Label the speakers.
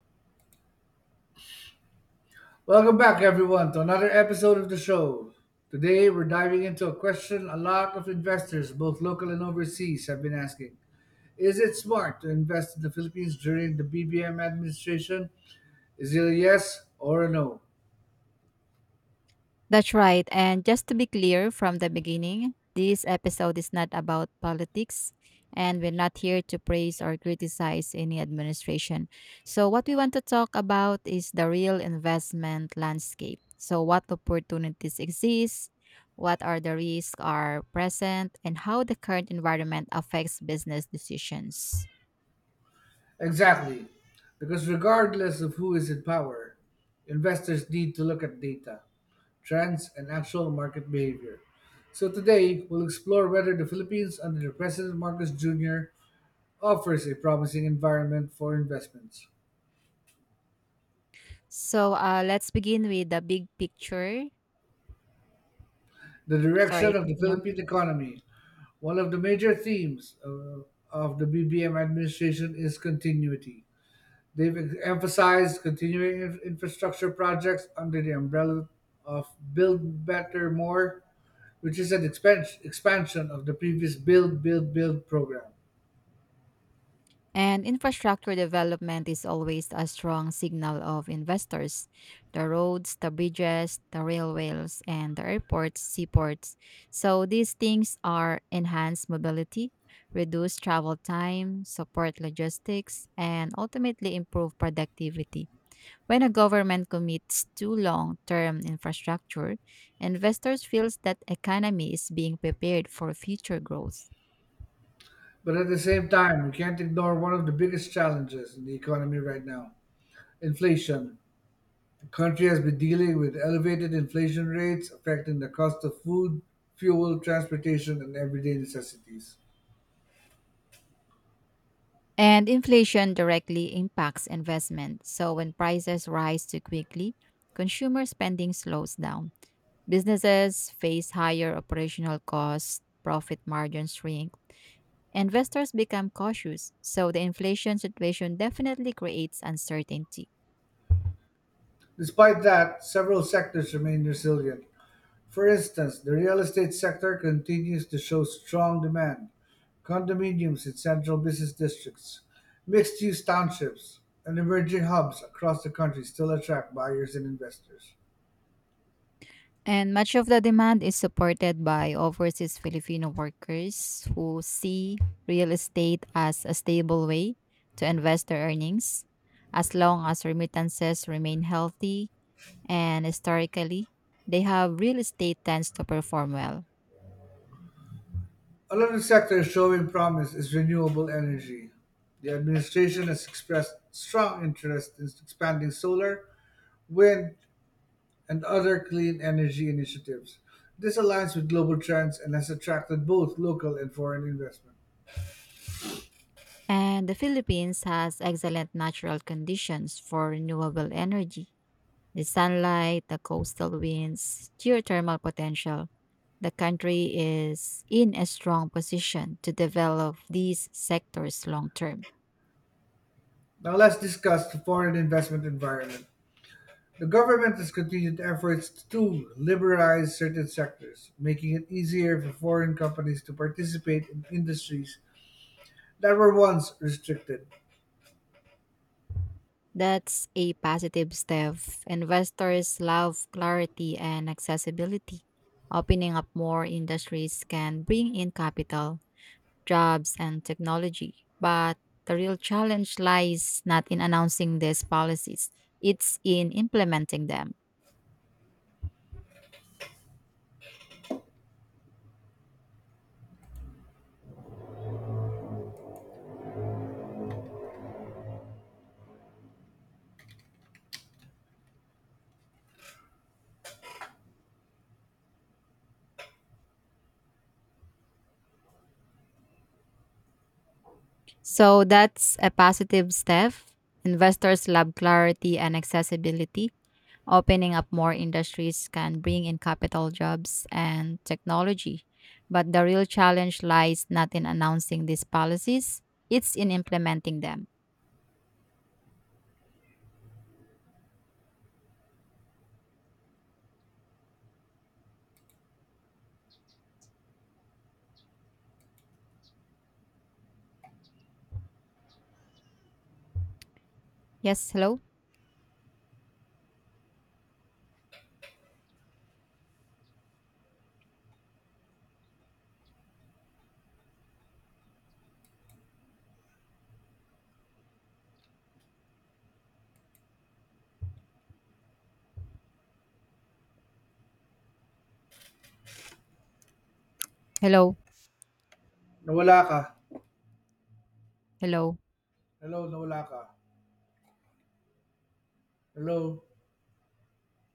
Speaker 1: Welcome back, everyone, to another episode of the show. Today, we're diving into a question a lot of investors, both local and overseas, have been asking. Is it smart to invest in the Philippines during the BBM administration? Is it a yes or a no?
Speaker 2: That's right. And just to be clear from the beginning, this episode is not about politics, and we're not here to praise or criticize any administration. So, what we want to talk about is the real investment landscape. So, what opportunities exist, what are the risks are present, and how the current environment affects business decisions.
Speaker 1: Exactly. Because regardless of who is in power, investors need to look at data, trends, and actual market behavior. So today, we'll explore whether the Philippines under President Marcos Jr. offers a promising environment for investments.
Speaker 2: So, let's begin with the big picture.
Speaker 1: The
Speaker 2: Sorry,
Speaker 1: direction of the
Speaker 2: continue.
Speaker 1: Philippine economy. One of the major themes of the BBM administration is continuity. They've emphasized continuing infrastructure projects under the umbrella of Build Better More, which is an expansion of the previous Build, Build, Build program.
Speaker 2: And infrastructure development is always a strong signal of investors. The roads, the bridges, the railways, and the airports, seaports. So these things are enhance mobility, reduce travel time, support logistics, and ultimately improve productivity. When a government commits to long-term infrastructure, investors feels that economy is being prepared for future growth.
Speaker 1: But at the same time, we can't ignore one of the biggest challenges in the economy right now: inflation. The country has been dealing with elevated inflation rates affecting the cost of food, fuel, transportation, and everyday necessities.
Speaker 2: And inflation directly impacts investment. So when prices rise too quickly, consumer spending slows down. Businesses face higher operational costs, profit margins shrink, investors become cautious. So the inflation situation definitely creates uncertainty.
Speaker 1: Despite that, several sectors remain resilient. For instance, the real estate sector continues to show strong demand. Condominiums in central business districts, mixed use townships, and emerging hubs across the country still attract buyers and investors.
Speaker 2: And much of the demand is supported by overseas Filipino workers who see real estate as a stable way to invest their earnings as long as remittances remain healthy and historically they have real estate tends to perform well.
Speaker 1: Another sector showing promise is renewable energy. The administration has expressed strong interest in expanding solar, wind, and other clean energy initiatives. This aligns with global trends and has attracted both local and foreign investment.
Speaker 2: And the Philippines has excellent natural conditions for renewable energy. The sunlight, the coastal winds, geothermal potential. The country is in a strong position to develop these sectors long term.
Speaker 1: Now let's discuss the foreign investment environment. The government has continued efforts to liberalize certain sectors, making it easier for foreign companies to participate in industries that were once restricted.
Speaker 2: That's a positive step. Investors love clarity and accessibility. Opening up more industries can bring in capital, jobs, and technology. But the real challenge lies not in announcing these policies, it's in implementing them. So that's a positive step. Investors love clarity and accessibility. Opening up more industries can bring in capital jobs and technology. But the real challenge lies not in announcing these policies, it's in implementing them. Yes, hello? Hello?
Speaker 1: Nawala ka.
Speaker 2: Hello?
Speaker 1: Hello, nawala ka. Hello?